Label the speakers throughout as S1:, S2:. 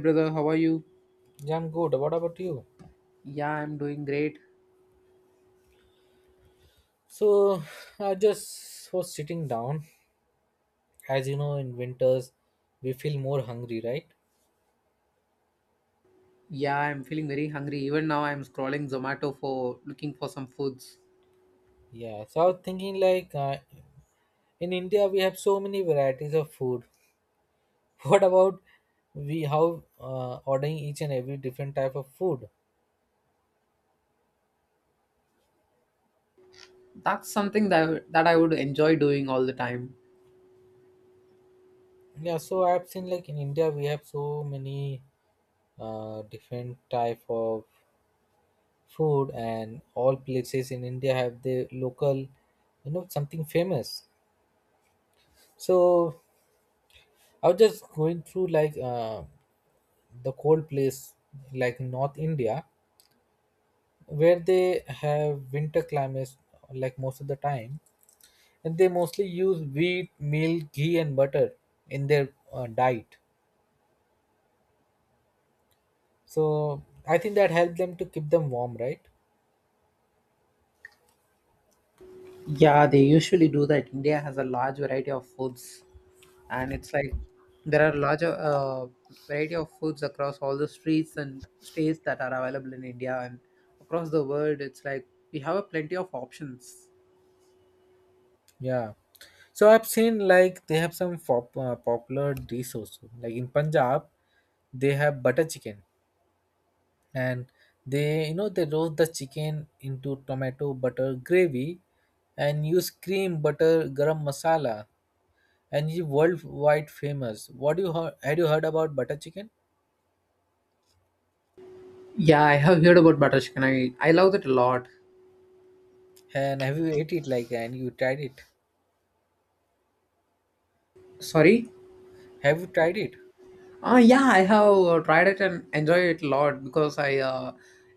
S1: Brother, how are you?
S2: Yeah, I'm good. What about you?
S1: Yeah, I'm doing great.
S2: So I just was sitting down. As you know, in winters, we feel more hungry, right?
S1: Yeah, I'm feeling very hungry. Even now, I'm scrolling Zomato for looking for some foods.
S2: Yeah. So I was thinking, in India, we have so many varieties of food. What about we how ordering each and every different type of food?
S1: That's something that I would enjoy doing all the time.
S2: Yeah. So I've seen like in India, we have so many different type of food, and all places in India have their local, something famous. So I was just going through like the cold place, like North India, where they have winter climates like most of the time, and they mostly use wheat, milk, ghee, and butter in their diet. So I think that helps them to keep them warm, right?
S1: Yeah, they usually do that. India has a large variety of foods, and it's like there are larger variety of foods across all the streets and states that are available in India and across the world. It's like we have a plenty of options.
S2: Yeah. So I've seen like they have some popular dish also. Like in Punjab, they have butter chicken. And they, you know, they roast the chicken into tomato butter gravy and use cream, butter, garam masala, and it's worldwide famous. What do you heard? Had you heard about butter chicken?
S1: Yeah, I have heard about butter chicken. I love it a lot.
S2: And have you ate it, like, and you tried it?
S1: Sorry.
S2: Have you tried it?
S1: Yeah, I have tried it and enjoy it a lot because I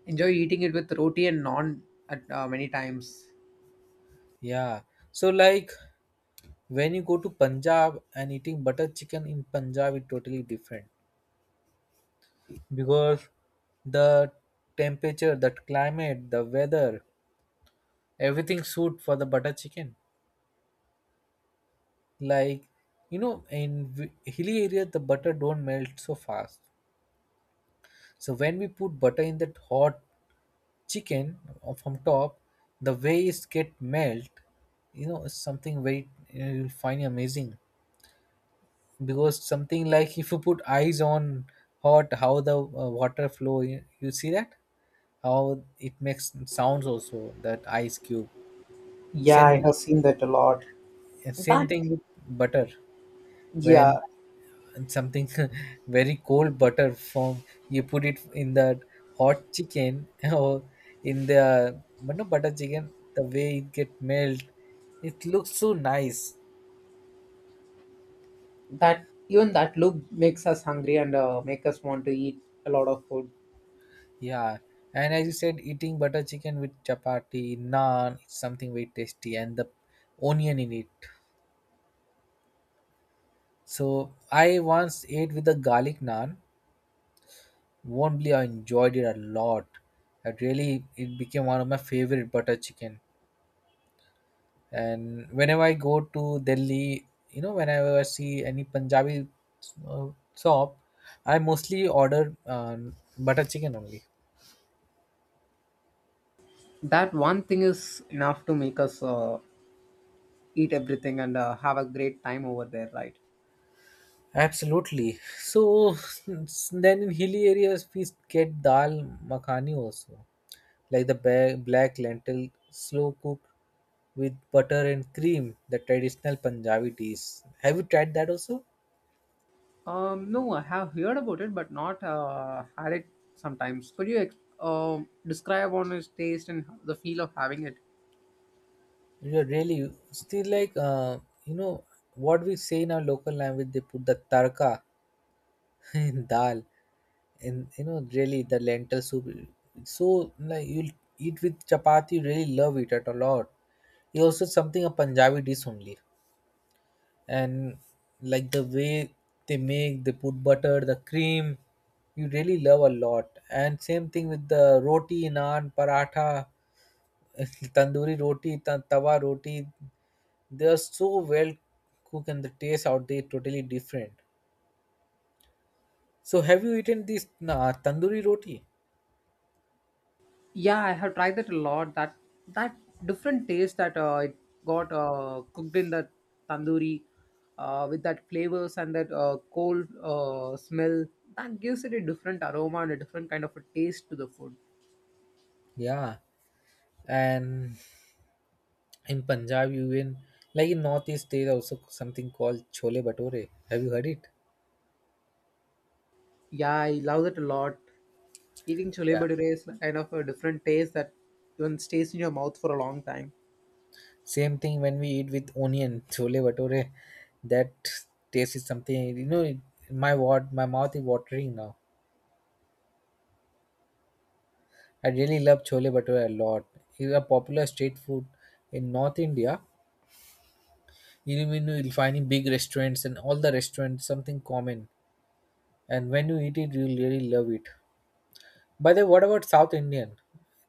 S1: enjoy eating it with roti and naan at many times.
S2: Yeah. So like when you go to Punjab and eating butter chicken in Punjab is totally different, because the temperature, the climate, the weather, everything suit for the butter chicken. Like, you know, in hilly area the butter don't melt so fast, so when we put butter in that hot chicken from top, the way it get melt, you know, it's something very you'll find amazing. Because something like if you put eyes on hot, how the water flow, you see that how it makes sounds also, that ice cube.
S1: Yeah,
S2: same
S1: I
S2: thing
S1: have seen that a lot.
S2: same
S1: That
S2: thing with butter, when
S1: yeah,
S2: and something very cold butter from, you put it in that hot chicken, or in the, but no, butter chicken, the way it get melt, it looks so nice.
S1: that even that look makes us hungry and make us want to eat a lot of food.
S2: Yeah, and as you said, eating butter chicken with chapati, naan is something very tasty, and the onion in it. So I once ate with the garlic naan. Won't believe I enjoyed it a lot. I really, it became one of my favorite butter chicken. And whenever I go to Delhi, you know, whenever I see any Punjabi uh, shop, I mostly order butter chicken only.
S1: That one thing is enough to make us eat everything and have a great time over there, right?
S2: Absolutely. So then in hilly areas we get dal makhani also, like the black lentil slow cooked with butter and cream, the traditional Punjabi dish. Have you tried that also?
S1: No, I have heard about it, but not had it sometimes. Could you describe on its taste and the feel of having it?
S2: Yeah, really. Still you know, what we say in our local language, they put the tarka and dal, and you know, really the lentil soup. So like you'll eat with chapati, you really love it at a lot. It's also something a Punjabi dish only. And like the way they make, they put butter, the cream, you really love a lot. And same thing with the roti, naan, paratha, tandoori roti, tawa roti, they are so well cooked and the taste out there totally different. So have you eaten this tandoori roti?
S1: Yeah, I have tried that a lot. That different taste that it got cooked in the tandoori with that flavors and that cold smell that gives it a different aroma and a different kind of a taste to the food.
S2: Yeah, and in Punjab, even like in Northeast, there also something called chole bhature. Have you heard it?
S1: Yeah, I love that a lot. Eating chole
S2: Yeah,
S1: bhature is kind of a different taste that even stays in your mouth for a long time.
S2: same thing when we eat with onion chole bhature. That taste is something, you know. It, my mouth is watering now. I really love chole bhature a lot. It's a popular street food in North India. You know, you'll find in big restaurants and all the restaurants something common. And when you eat it, you'll really love it. By the way, what about South Indian?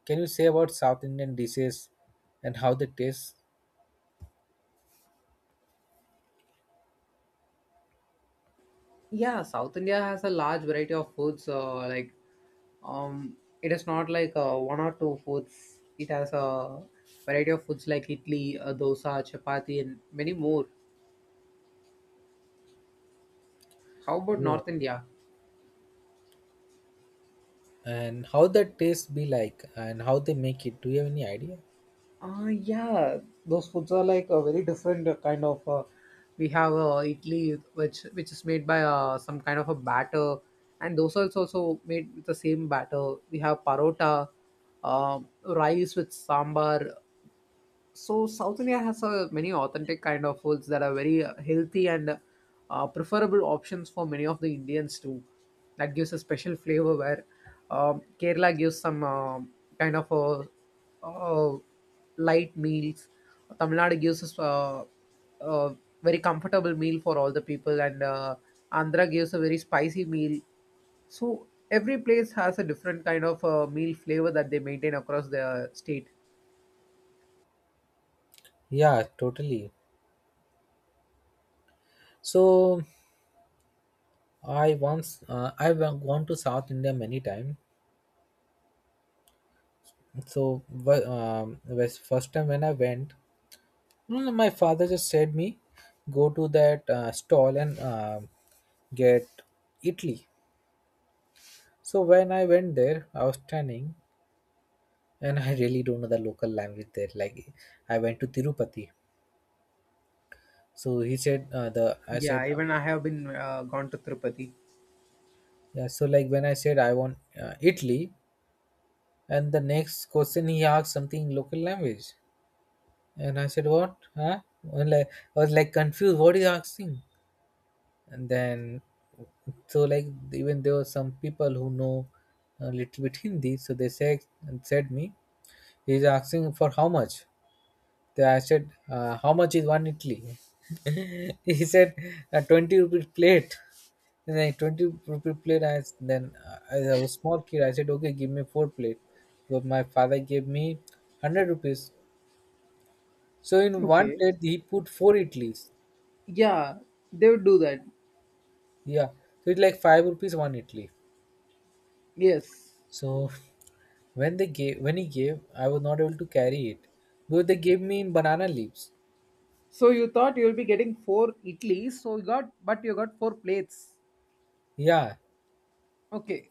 S2: Can you say about South Indian dishes and how they taste?
S1: Yeah, South India has a large variety of foods like Um, it is not like one or two foods. It has a variety of foods like idli, dosa, chapati, and many more. How about
S2: Go.
S1: North India?
S2: And how that taste be like and how they make it? Do you have any idea?
S1: Yeah, those foods are like a very different kind of. We have idli, which is made by some kind of a batter, and dosa is also made with the same batter. We have parota, rice with sambar. So south india has many authentic kind of foods that are very healthy and preferable options for many of the indians too that gives a special flavor where kerala gives some kind of a, uh light meals tamil nadu gives us a very comfortable meal for all the people and andhra gives a very spicy meal so every place has a different kind of meal flavor that they maintain across their state.
S2: Yeah, totally. So I once I've gone to South India many times. So was first time when I went, mm, my father just said me go to that stall and get Italy. So when I went there, I was standing and I really don't know the local language there. Like I went to Tirupati, so he said the I
S1: Yeah,
S2: said.
S1: even I have been gone to Tirupati.
S2: Yeah. So like when I said I want Italy, and the next question he asked something in local language, and I said, what? Huh? And like I was like confused. What is he asking? And then so like even there were some people who know a little bit Hindi, so they said and said me, he's asking for how much. They, I said, how much is one Italy? He said, 20 rupees plate. And then 20 rupee plate. Then as I was small kid, I said, okay, give me four plate. But my father gave me 100 rupees. So in one
S1: Okay.
S2: plate, he put four Italy's.
S1: Yeah, they would do that.
S2: Yeah. So it's like 5 rupees one Italy.
S1: Yes.
S2: So when they gave when he gave, I was not able to carry it because they gave me in banana leaves.
S1: So you thought you'll be getting four Italy, so you got four plates.
S2: Yeah.
S1: Okay.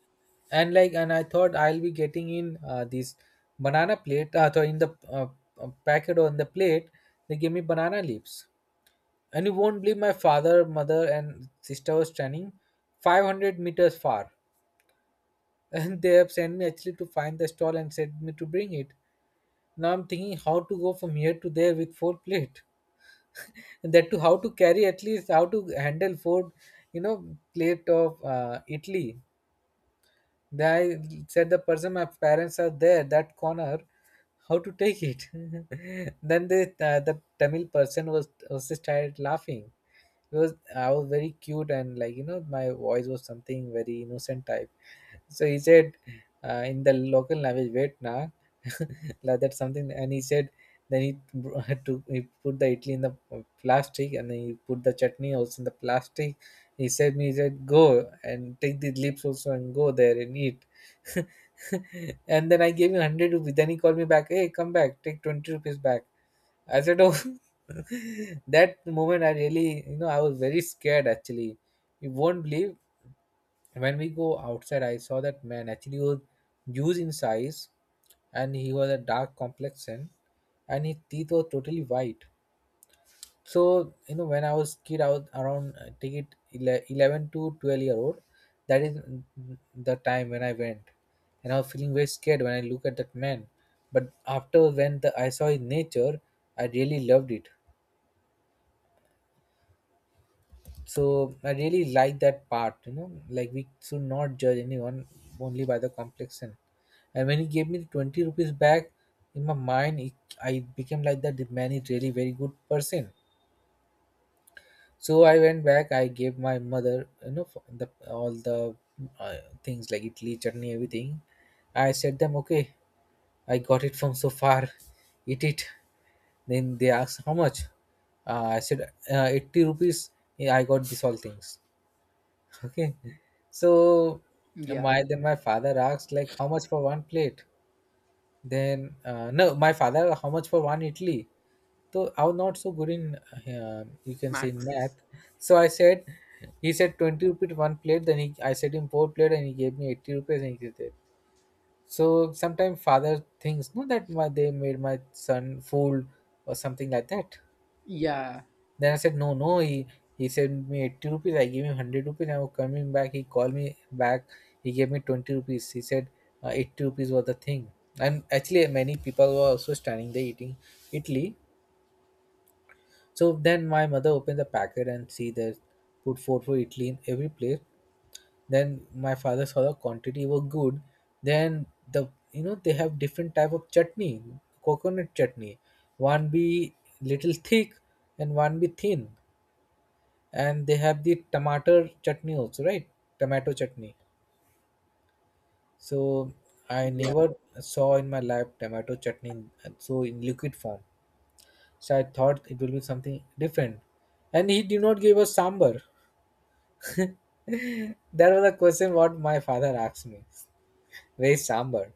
S2: And like, and I thought I'll be getting in this banana plate, thought in the packet on the plate. They gave me banana leaves, and you won't believe my father, mother, and sister was standing 500 meters far. And they have sent me actually to find the stall and said me to bring it. Now I'm thinking how to go from here to there with four plate, and that too how to carry, at least how to handle four, you know, plate of Italy. I said, the person, my parents are there that corner, how to take it. Then the Tamil person was just started laughing. It was, I was very cute, and like, you know, my voice was something very innocent type. So he said, in the local language, wait na, like that's something. And he said, then had he put the idli in the plastic, and then he put the chutney also in the plastic. He said, go and take the lips also and go there and eat. And then I gave him 100 rupees. Then he called me back, hey, come back, take 20 rupees back. I said, oh. That moment I really, you know, I was very scared actually. You won't believe, when we go outside, I saw that man actually was huge in size, and he was a dark complexion, and his teeth were totally white. So you know, when I was kid, I was around 11 to 12 year old. That is, mm, the time when I went, and I was feeling very scared when I look at that man. But after, when I saw his nature, I really loved it. So I really like that part, you know, like we should not judge anyone only by the complexion. And when he gave me the 20 rupees back, in my mind it, I became like that, the man is really very good person. So I went back, I gave my mother, you know, for the all the uh, things like Italy, chutney, everything. I said them, okay, I got it from so far, eat it. Then they asked how much. I said 80 rupees. Yeah, I got this all things. Okay. So
S1: Yeah,
S2: my father asked, like how much for one plate? Then no, my father, how much for one idli? So I'm not so good in you can say in math.
S1: max.
S2: So I said, he said 20 rupees one plate. Then he I said him four plate, and he gave me 80 rupees, and he did it. So sometimes father thinks, no, that my, they made my son fool or something like that.
S1: Yeah.
S2: Then I said, no, no. He sent me 80 rupees. I gave him 100 rupees. I was coming back. He called me back. He gave me 20 rupees. He said 80 rupees was the thing. And actually, many people were also standing there eating Italy. So then my mother opened the packet and see the, put four for Italy in every place. Then my father saw the quantity were good. Then, the, you know, they have different type of chutney, coconut chutney. One be little thick and one be thin, and they have the tomato chutney also, right? Tomato chutney. So I never saw in my life tomato chutney in- so in liquid form. So I thought it will be something different. And he did not give us sambar. That was a question what my father asked me. Where is sambar?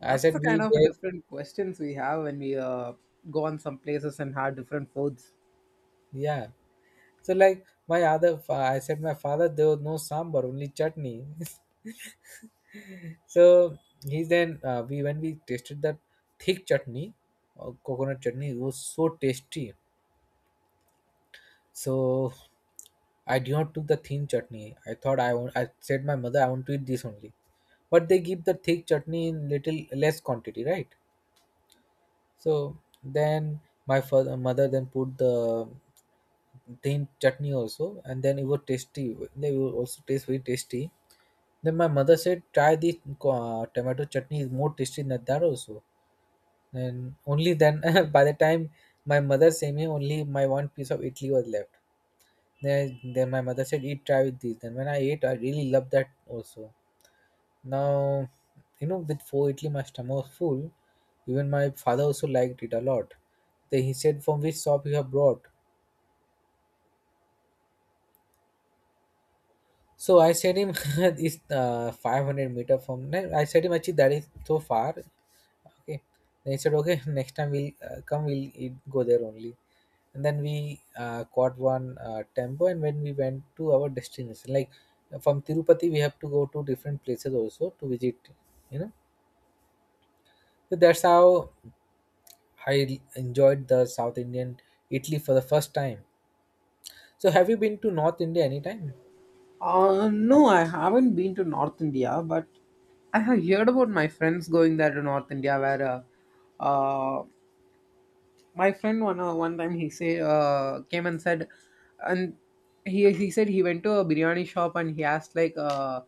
S2: I
S1: That's the
S2: said we
S1: kind of
S2: there.
S1: different questions we have when we go on some places and have different foods.
S2: Yeah. So like I said my father, there was no sambar, only chutney. So he then we when we tasted that thick chutney, coconut chutney, it was so tasty. So I did not took the thin chutney. I thought I want. I said my mother I want to eat this only, but they give the thick chutney in little less quantity, right? So then my father mother then put the thin chutney also, and then it was tasty. They will also taste very tasty. Then my mother said, try the tomato chutney is more tasty than that also. And only then by the time my mother sent me only my one piece of idli was left then my mother said eat try with this then when I ate I really loved that also now you know with four idli my stomach was full. Even my father also liked it a lot. Then he said from which shop you have brought. So I said him it's 500-meter from then I said him actually that is so far. Okay, they said okay. Next time we'll come we'll eat, go there only. And then we caught one tempo and when we went to our destination like from Tirupati we have to go to different places also to visit, you know. So that's how I enjoyed the South Indian italy for the first time. So have you been to North India anytime?
S1: No, I haven't been to North India, but I have heard about my friends going there to North India where uh my friend one time he say came and said and he said he went to a biryani shop and he asked like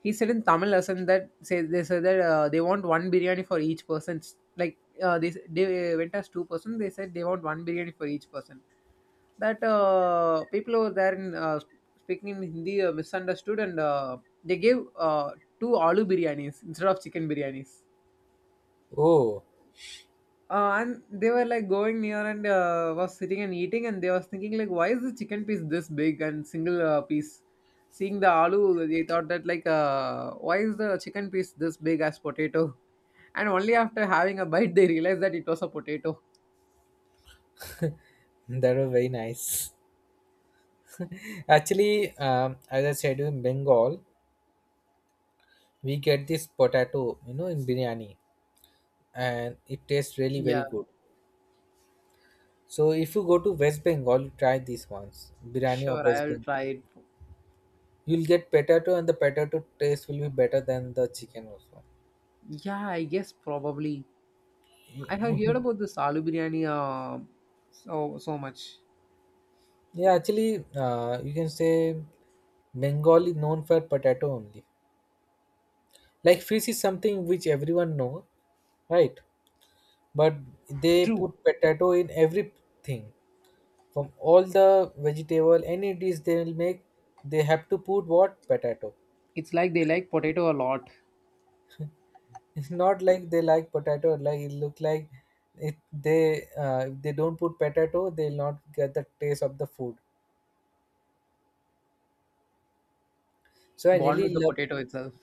S1: he said in Tamil lesson that say they said that they want one biryani for each person like they went as two-person they said they want one biryani for each person that people over there in speaking in Hindi misunderstood and they gave two aloo biryanis instead of chicken biryanis
S2: Oh,
S1: and they were like going near and was sitting and eating and they was thinking like why is the chicken piece this big and single piece seeing the aloo they thought that like why is the chicken piece this big as potato. and only after having a bite they realized that it was a potato.
S2: that was very nice. Actually, as I said, in Bengal, we get this potato, you know, in biryani, and it tastes really very
S1: Yeah,
S2: good. So if you go to West Bengal, you try this once, biryani of
S1: sure,
S2: West
S1: I'll
S2: Bengal.
S1: try it.
S2: You'll get potato, and the potato taste will be better than the chicken also.
S1: Yeah, I guess probably I have heard
S2: You-
S1: about this aloo biryani so so much.
S2: yeah, actually, you can say Bengal is known for potato only. Like fish is something which everyone know, right? But they
S1: True.
S2: put potato in everything. From all the vegetable, any dish they will make, they have to put what potato.
S1: It's like they like potato a lot,
S2: It's not like they like potato. Like it look like it. They if they don't put potato, they'll not get the taste of the food. So I
S1: born with
S2: really
S1: the
S2: love.
S1: potato itself.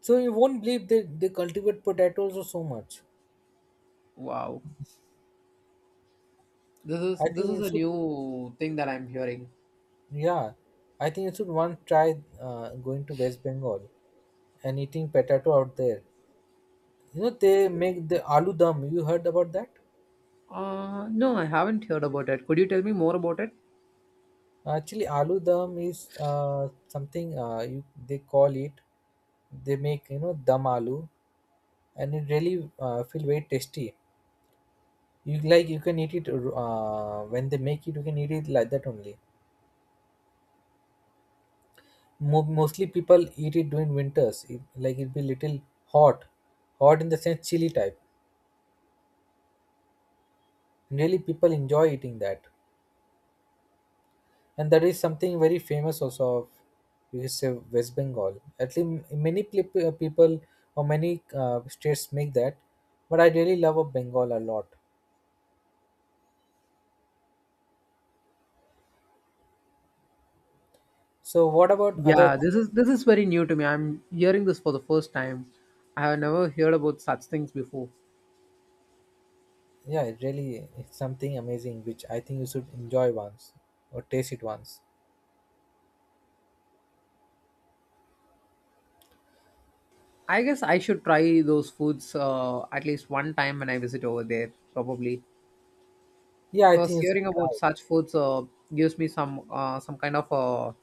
S2: So you won't believe they cultivate potatoes or so much.
S1: Wow. This
S2: I
S1: is this
S2: think
S1: is
S2: you
S1: a
S2: should.
S1: new thing that I'm hearing.
S2: Yeah, I think you should once try going to West Bengal and eating potato out there. You know they make the aloo dum. You heard about that?
S1: No, I haven't heard about it. Could you tell me more about it?
S2: Actually, aloo dum is something you, they call it. They make you know dum aloo, and it really feel very tasty. You like you can eat it when they make it. You can eat it like that only. Mo- mostly people eat it during winters. It, like it be little hot, hot in the sense chilly type. Really, people enjoy eating that. And that is something very famous also of you can say West Bengal. At least many pl- people or many states make that, but I really love of Bengal a lot. So what about other?
S1: Yeah, this is very new to me. I'm hearing this for the first time. I have never heard about such things before.
S2: Yeah, it really it's something amazing which I think you should enjoy once or taste it once.
S1: I guess I should try those foods at least one time when I visit over there, probably.
S2: Yeah, I think
S1: Because
S2: you should
S1: hearing about
S2: try.
S1: such foods gives me some kind of a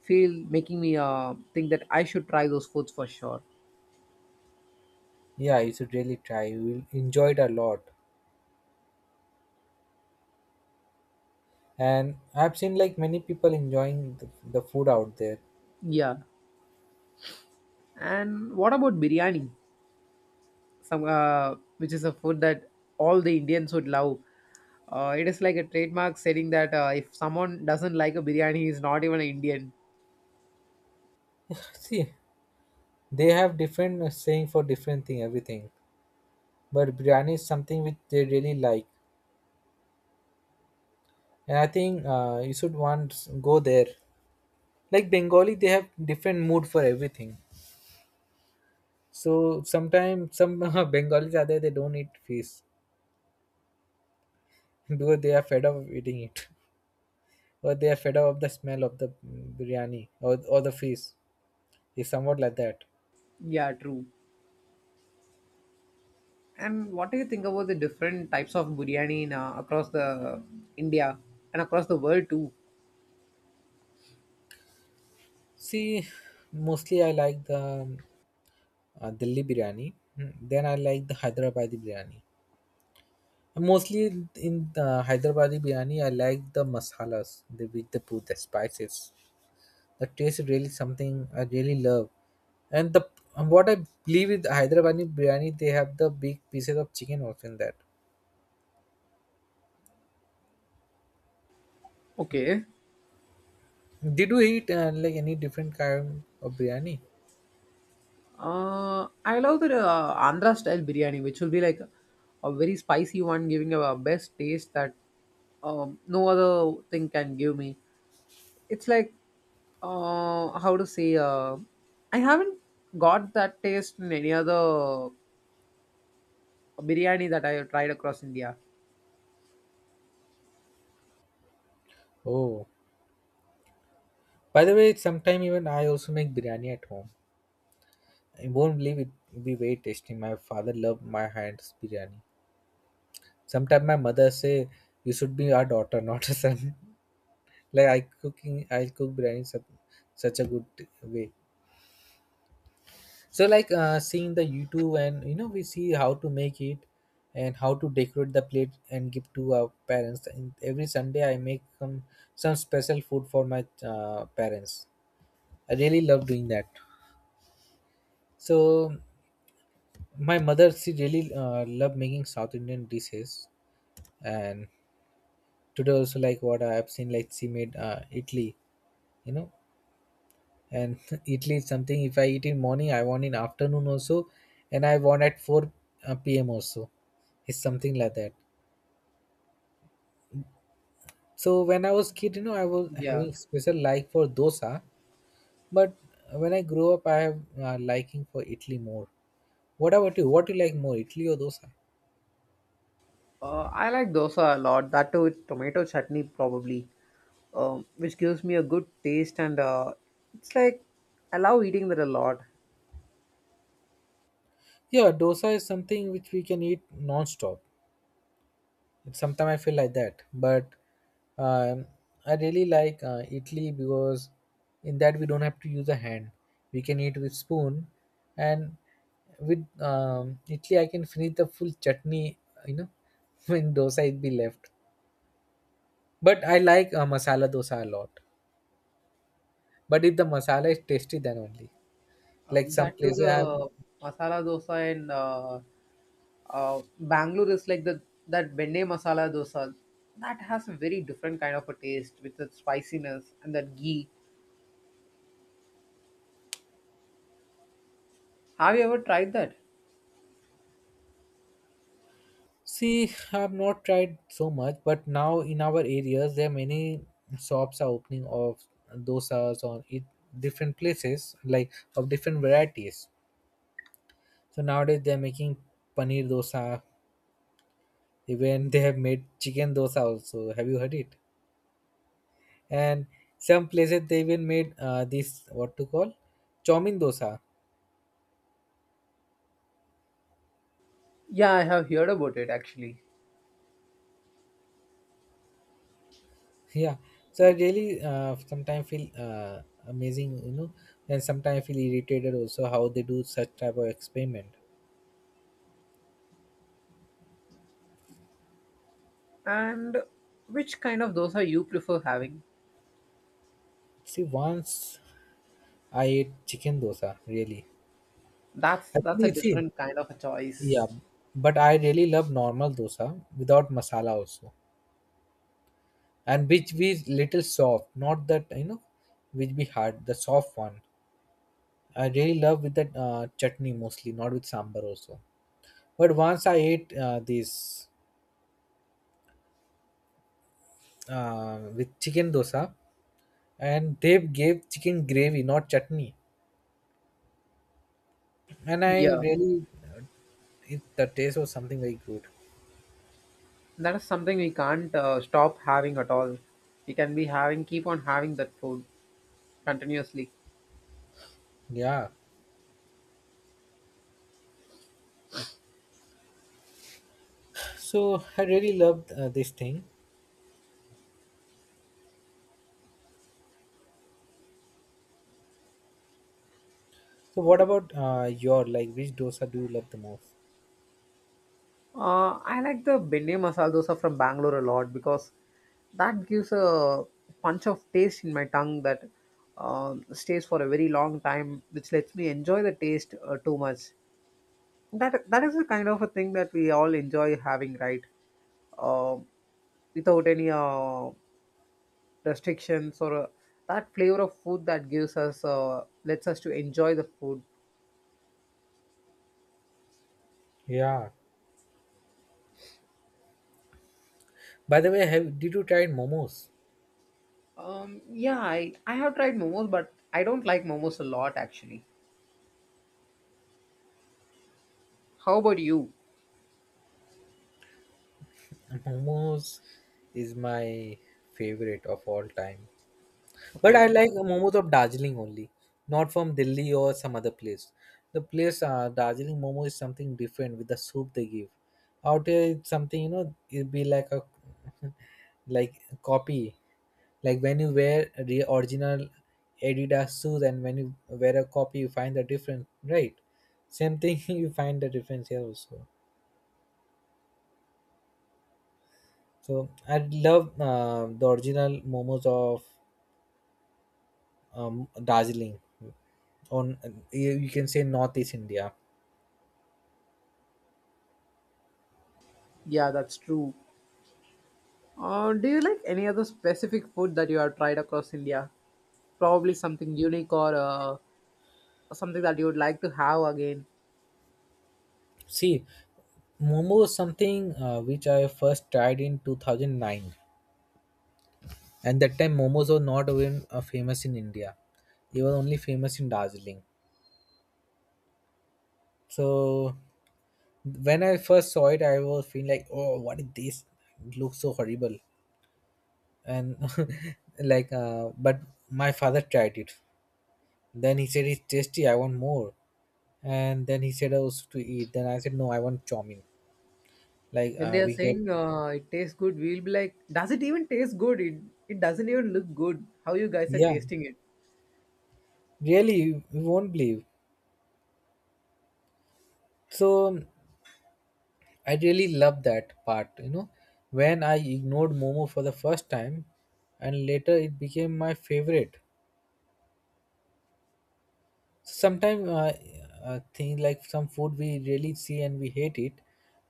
S1: feel, making me think that I should try those foods for sure.
S2: Yeah, you should really try. You will enjoy it a lot. And I've seen like many people enjoying the food out there.
S1: Yeah. And what about biryani? Some which is a food that all the Indians would love. It is like a trademark saying that if someone doesn't like a biryani, he is not even an Indian.
S2: See, they have different saying for different thing, everything. But biryani is something which they really like and I think you should once go there. Like Bengali they have different mood for everything. So sometimes some Bengalis are there they don't eat fish. Because they are fed up of eating it. Or they are fed up of the smell of the biryani, or the fish. It's somewhat like that.
S1: Yeah, true. And what do you think about the different types of biryani in, across the India and across the world too?
S2: See, mostly I like the Delhi biryani. Then I like the Hyderabadi biryani. Mostly in the Hyderabadi biryani, I like the masalas they, with the put the spices. The taste is really something I really love. And the and what I believe with Hyderabadi biryani, they have the big pieces of chicken also in that.
S1: Okay.
S2: Did you eat like any different kind of biryani?
S1: I love the Andhra style biryani, which will be like a very spicy one, giving a best taste that no other thing can give me. It's like how to say I haven't got that taste in any other biryani that I have tried across india.
S2: Oh, by the way, sometime even I also make biryani at home. I won't believe it will be very tasty. My father loved my hands biryani. Sometimes my mother say you should be our daughter, not a son. Like I cooking I cook biryani such, such a good way. So like seeing the YouTube and you know we see how to make it and how to decorate the plate and give to our parents, and every Sunday I make some special food for my parents. I really love doing that. So my mother she really love making South Indian dishes. And today also like what I have seen like she made italy, you know. And Italy is something if I eat in morning, I want in afternoon also, and I want at 4 p.m. also. It's something like that. So when I was kid, you know, I was
S1: Yeah,
S2: having special like for dosa, but when I grew up, I have liking for Italy more. What about you? What do you like more, Italy or dosa?
S1: I like dosa a lot, that too with tomato chutney probably, which gives me a good taste and it's like I love eating that a lot.
S2: Yeah, dosa is something which we can eat non-stop. Sometimes I feel like that but um, I really like italy because in that we don't have to use a hand. We can eat with spoon. And with italy I can finish the full chutney, you know. When dosa it be left, but I like masala dosa a lot, but if the masala is tasty then only like some
S1: That to
S2: places I have.
S1: the masala dosa and Bangalore is like the that benne masala dosa that has a very different kind of a taste with that spiciness and that ghee. Have you ever tried that?
S2: See, I've not tried so much, but now in our areas there are many shops are opening of dosas on it, different places, like of different varieties. So nowadays they are making paneer dosa. Even they have made chicken dosa also. Have you heard it? And some places they even made this what to call chomin dosa.
S1: Yeah, I have heard about it actually.
S2: Yeah. So I really sometimes feel amazing, you know, and sometimes I feel irritated also how they do such type of experiment.
S1: And which kind of dosa you prefer having?
S2: See, once I ate chicken dosa, really.
S1: That's a
S2: Actually, see,
S1: different kind of a
S2: yeah,
S1: choice.
S2: but I really love normal dosa without masala also, and which be little soft, not that you know, which be hard, the soft one. I really love with that chutney mostly, not with sambar also. But once I ate this with chicken dosa, and they gave chicken gravy, not chutney, and I
S1: Yeah,
S2: really, it, the taste was something very good.
S1: that is something we can't stop having at all. We can be having keep on having that food continuously.
S2: Yeah. So I really loved this thing. So what about your like which dosa do you love the most?
S1: I like the Bindi masala dosa from Bangalore a lot because that gives a punch of taste in my tongue that stays for a very long time, which lets me enjoy the taste too much. That is the kind of a thing that we all enjoy having, right? Uh, Without any restrictions or that flavor of food that gives us lets us to enjoy the food.
S2: Yeah. By the way, have did you try momos?
S1: Yeah, I have tried momos, but I don't like momos a lot actually. How about you?
S2: Momos is my favorite of all time. But I
S1: Okay.
S2: like momos of Darjeeling only, not from Delhi or some other place. The place Darjeeling momo is something different with the soup they give. Out here, it's something you know, it'd be like a like copy. Like when you wear the original Adidas shoes and when you wear a copy, you find the difference, right? Same thing, you find the difference here also. So I love the original momos of Darjeeling, on you you can say Northeast India.
S1: Yeah, that's true. Do you like any other specific food that you have tried across India? Probably something unique or something that you would like to have again.
S2: See, momo is something which I first tried in 2009, and that time momos were not even famous in India. They were only famous in Darjeeling. So when I first saw it, I was feeling like, oh, what is this? It looks so horrible. And like, but my father tried it. Then he said, it's tasty, I want more. And then he said, also to eat. Then I said, no, I want chow mein. Like,
S1: When they are
S2: we get,
S1: saying it tastes good, we'll be like, does it even taste good? It doesn't even look good. How you guys are
S2: yeah,
S1: tasting it?
S2: really, you won't believe. So I really love that part, you know. When I ignored Momo for the first time, and later it became my favorite. Sometimes things like some food we really see and we hate it,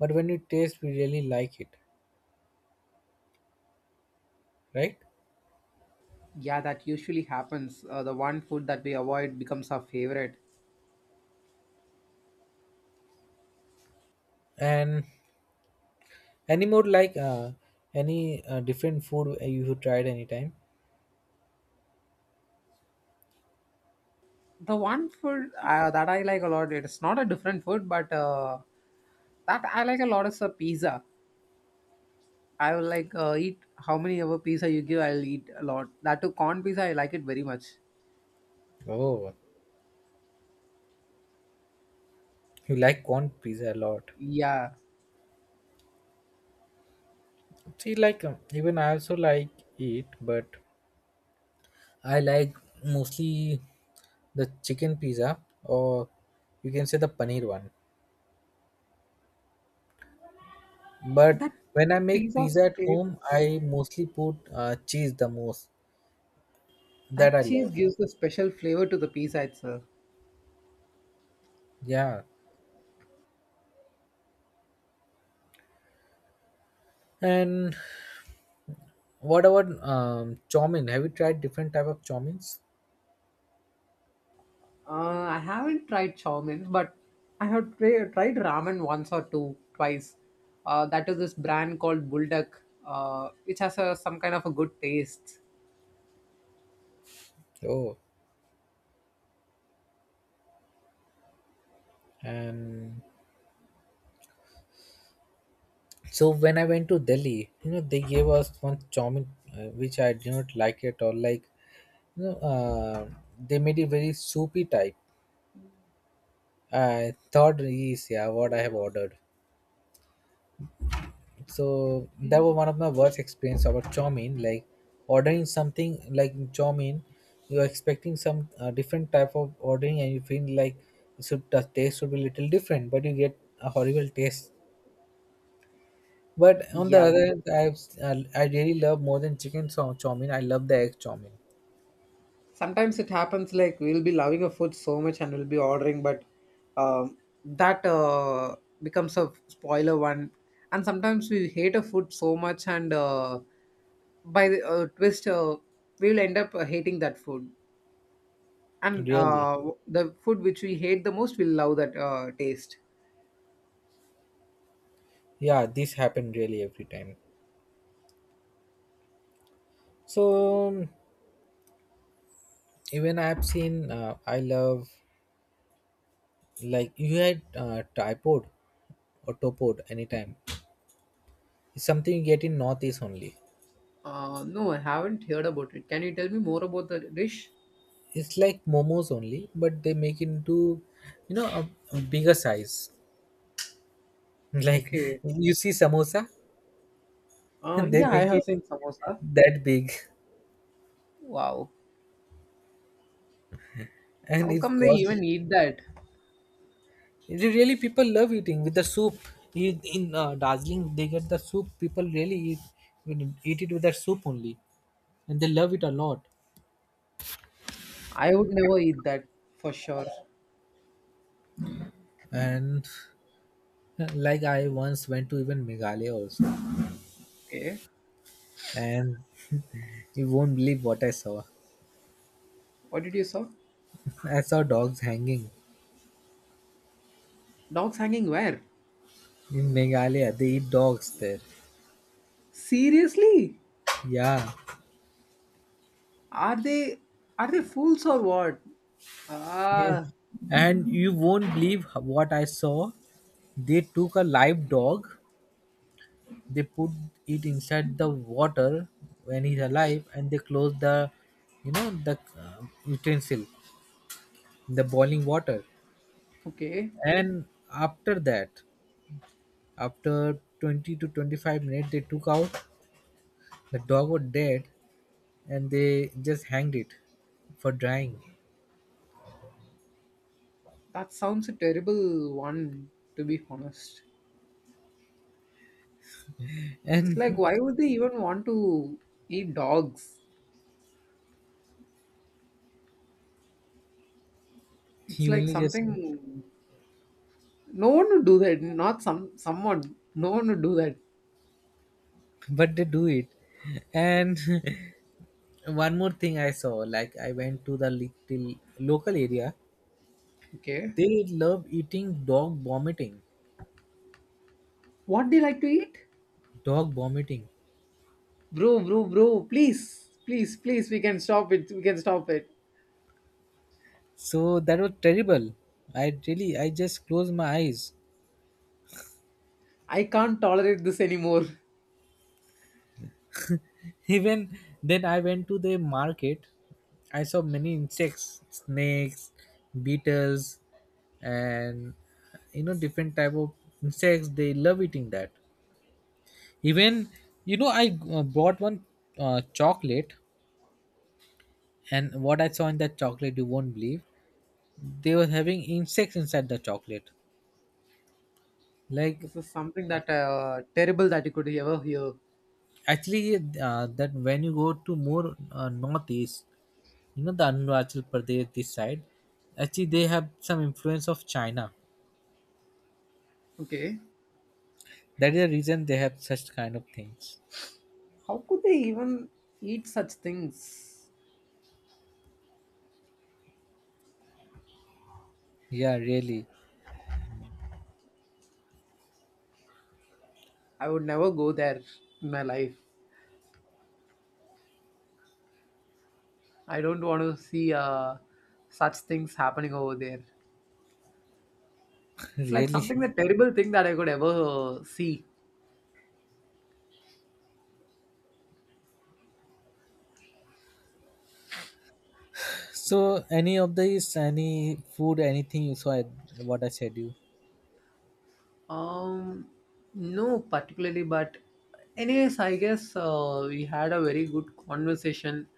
S2: but when we taste, we really like it, right?
S1: Yeah, that usually happens. The one food that we avoid becomes our favorite.
S2: And any more like any different food you have tried anytime?
S1: The one food that I like a lot, it's not a different food, but that I like a lot is a pizza. I will like eat how many ever pizza you give. I'll eat a lot. That too, corn pizza. I like it very much.
S2: Oh, you like corn pizza a lot.
S1: Yeah,
S2: See, like even I also like it, but I like mostly the chicken pizza or you can say the paneer one. But
S1: that
S2: when I make
S1: pizza
S2: pizza at
S1: taste.
S2: home, I mostly put cheese the most. That
S1: That
S2: I
S1: cheese
S2: love.
S1: gives a special flavor to the pizza itself.
S2: Yeah. And what about chow mein? Have you tried different type of chow meins?
S1: I haven't tried chow mein, but I have tried ramen once or twice. That is this brand called Bulldog, which has a, some kind of a good taste.
S2: Oh, and so when I went to Delhi, you know, they gave us one chowmin, which I did not like at all. Like, you know, they made it very soupy type. I thought is yeah what I have ordered. So that was one of my worst experience about chowmin. Like ordering something like chowmin, you're expecting some different type of ordering, and you feel like it should the taste should be little different, but you get a horrible taste. But on the
S1: Yeah,
S2: other hand, I've I really love more than chicken chow mein. I love the egg chow mein.
S1: sometimes it happens like we'll be loving a food so much and we'll be ordering but um, that becomes a spoiler one, and sometimes we hate a food so much and by the twist we'll end up hating that food and
S2: Really,
S1: the food which we hate the most, we'll love that taste.
S2: yeah, this happened really every time. So um, even I've seen. I love like you had tripod or topod anytime. It's something you get in northeast only.
S1: No, I haven't heard about it. Can you tell me more about the dish?
S2: It's like momos only, but they make into you know a bigger size. Like
S1: Okay.
S2: you see samosa, they
S1: Yeah, I
S2: make
S1: have
S2: it
S1: seen samosa.
S2: that big,
S1: Wow,
S2: and
S1: how
S2: it
S1: come they
S2: costs
S1: even eat that?
S2: Re- really, people love eating with the soup. In Darjeeling, they get the soup. People really eat it with the soup only, and they love it a lot.
S1: I would never eat that for sure.
S2: And like I once went to even Meghalaya also,
S1: Okay.
S2: and you won't believe what I saw.
S1: What did you saw?
S2: I saw dogs hanging
S1: Dogs hanging where?
S2: in Meghalaya. They eat dogs there.
S1: Seriously?
S2: Yeah,
S1: Are they are they fools or what?
S2: yes.
S1: Ah,
S2: And you won't believe what I saw. They took a live dog they put it inside the water when he's alive and they close the you know the utensil in the boiling water.
S1: okay.
S2: And after that after 20 to 25 minutes they took out. The dog was dead and they just hanged it for drying.
S1: That sounds a terrible one to be honest. It's like
S2: And
S1: why would they even want to eat dogs? It's
S2: he
S1: like
S2: only just
S1: something no one would do that. Not some someone. No one would do that.
S2: but they do it. And one more thing I saw like I went to the little local area.
S1: Okay.
S2: They love eating dog vomiting.
S1: What do you like to eat?
S2: Dog vomiting.
S1: Bro, bro, bro, please, please, please, we can stop it. We can stop it.
S2: So that was terrible. I really I just closed my eyes.
S1: I can't tolerate this anymore.
S2: Even then I went to the market I saw many insects, snakes, beetles, and you know different type of insects they love eating that. Even you know I bought one chocolate, and what I saw in that chocolate you won't believe they were having insects inside the chocolate. Like
S1: This is something that terrible that you could ever hear.
S2: actually, that when you go to more northeast, you know the Arunachal Pradesh this side, actually they have some influence of China.
S1: Okay,
S2: That is the reason they have such kind of things.
S1: how could they even eat such things?
S2: Yeah, really,
S1: I would never go there in my life. I don't want to see such things happening over there. It's like
S2: really.
S1: something the terrible thing that I could ever see.
S2: So, any of these, any food, anything you saw, at- what I said you
S1: Um, no, particularly, but anyways, I guess we had a very good conversation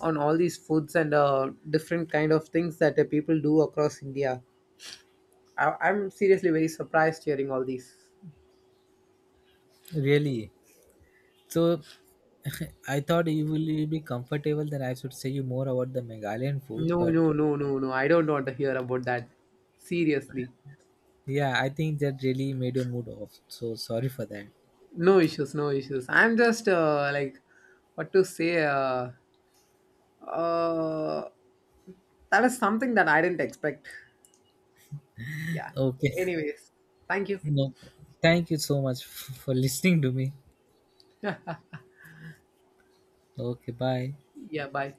S1: on all these foods and different kind of things that people do across India. I'm seriously very surprised hearing all these.
S2: really. So, I thought you will be comfortable. Then I should say you more about the Meghalayan food,
S1: No,
S2: but
S1: no, no, no, no. I don't want to hear about that. Seriously,
S2: yeah, I think that really made your mood off. So sorry for that.
S1: no issues, no issues. I'm just like, what to say? Uh, that is something that I didn't expect. Yeah.
S2: Okay.
S1: Anyways, thank you.
S2: No, thank you so much f- for listening to me. Okay, bye.
S1: Yeah, bye.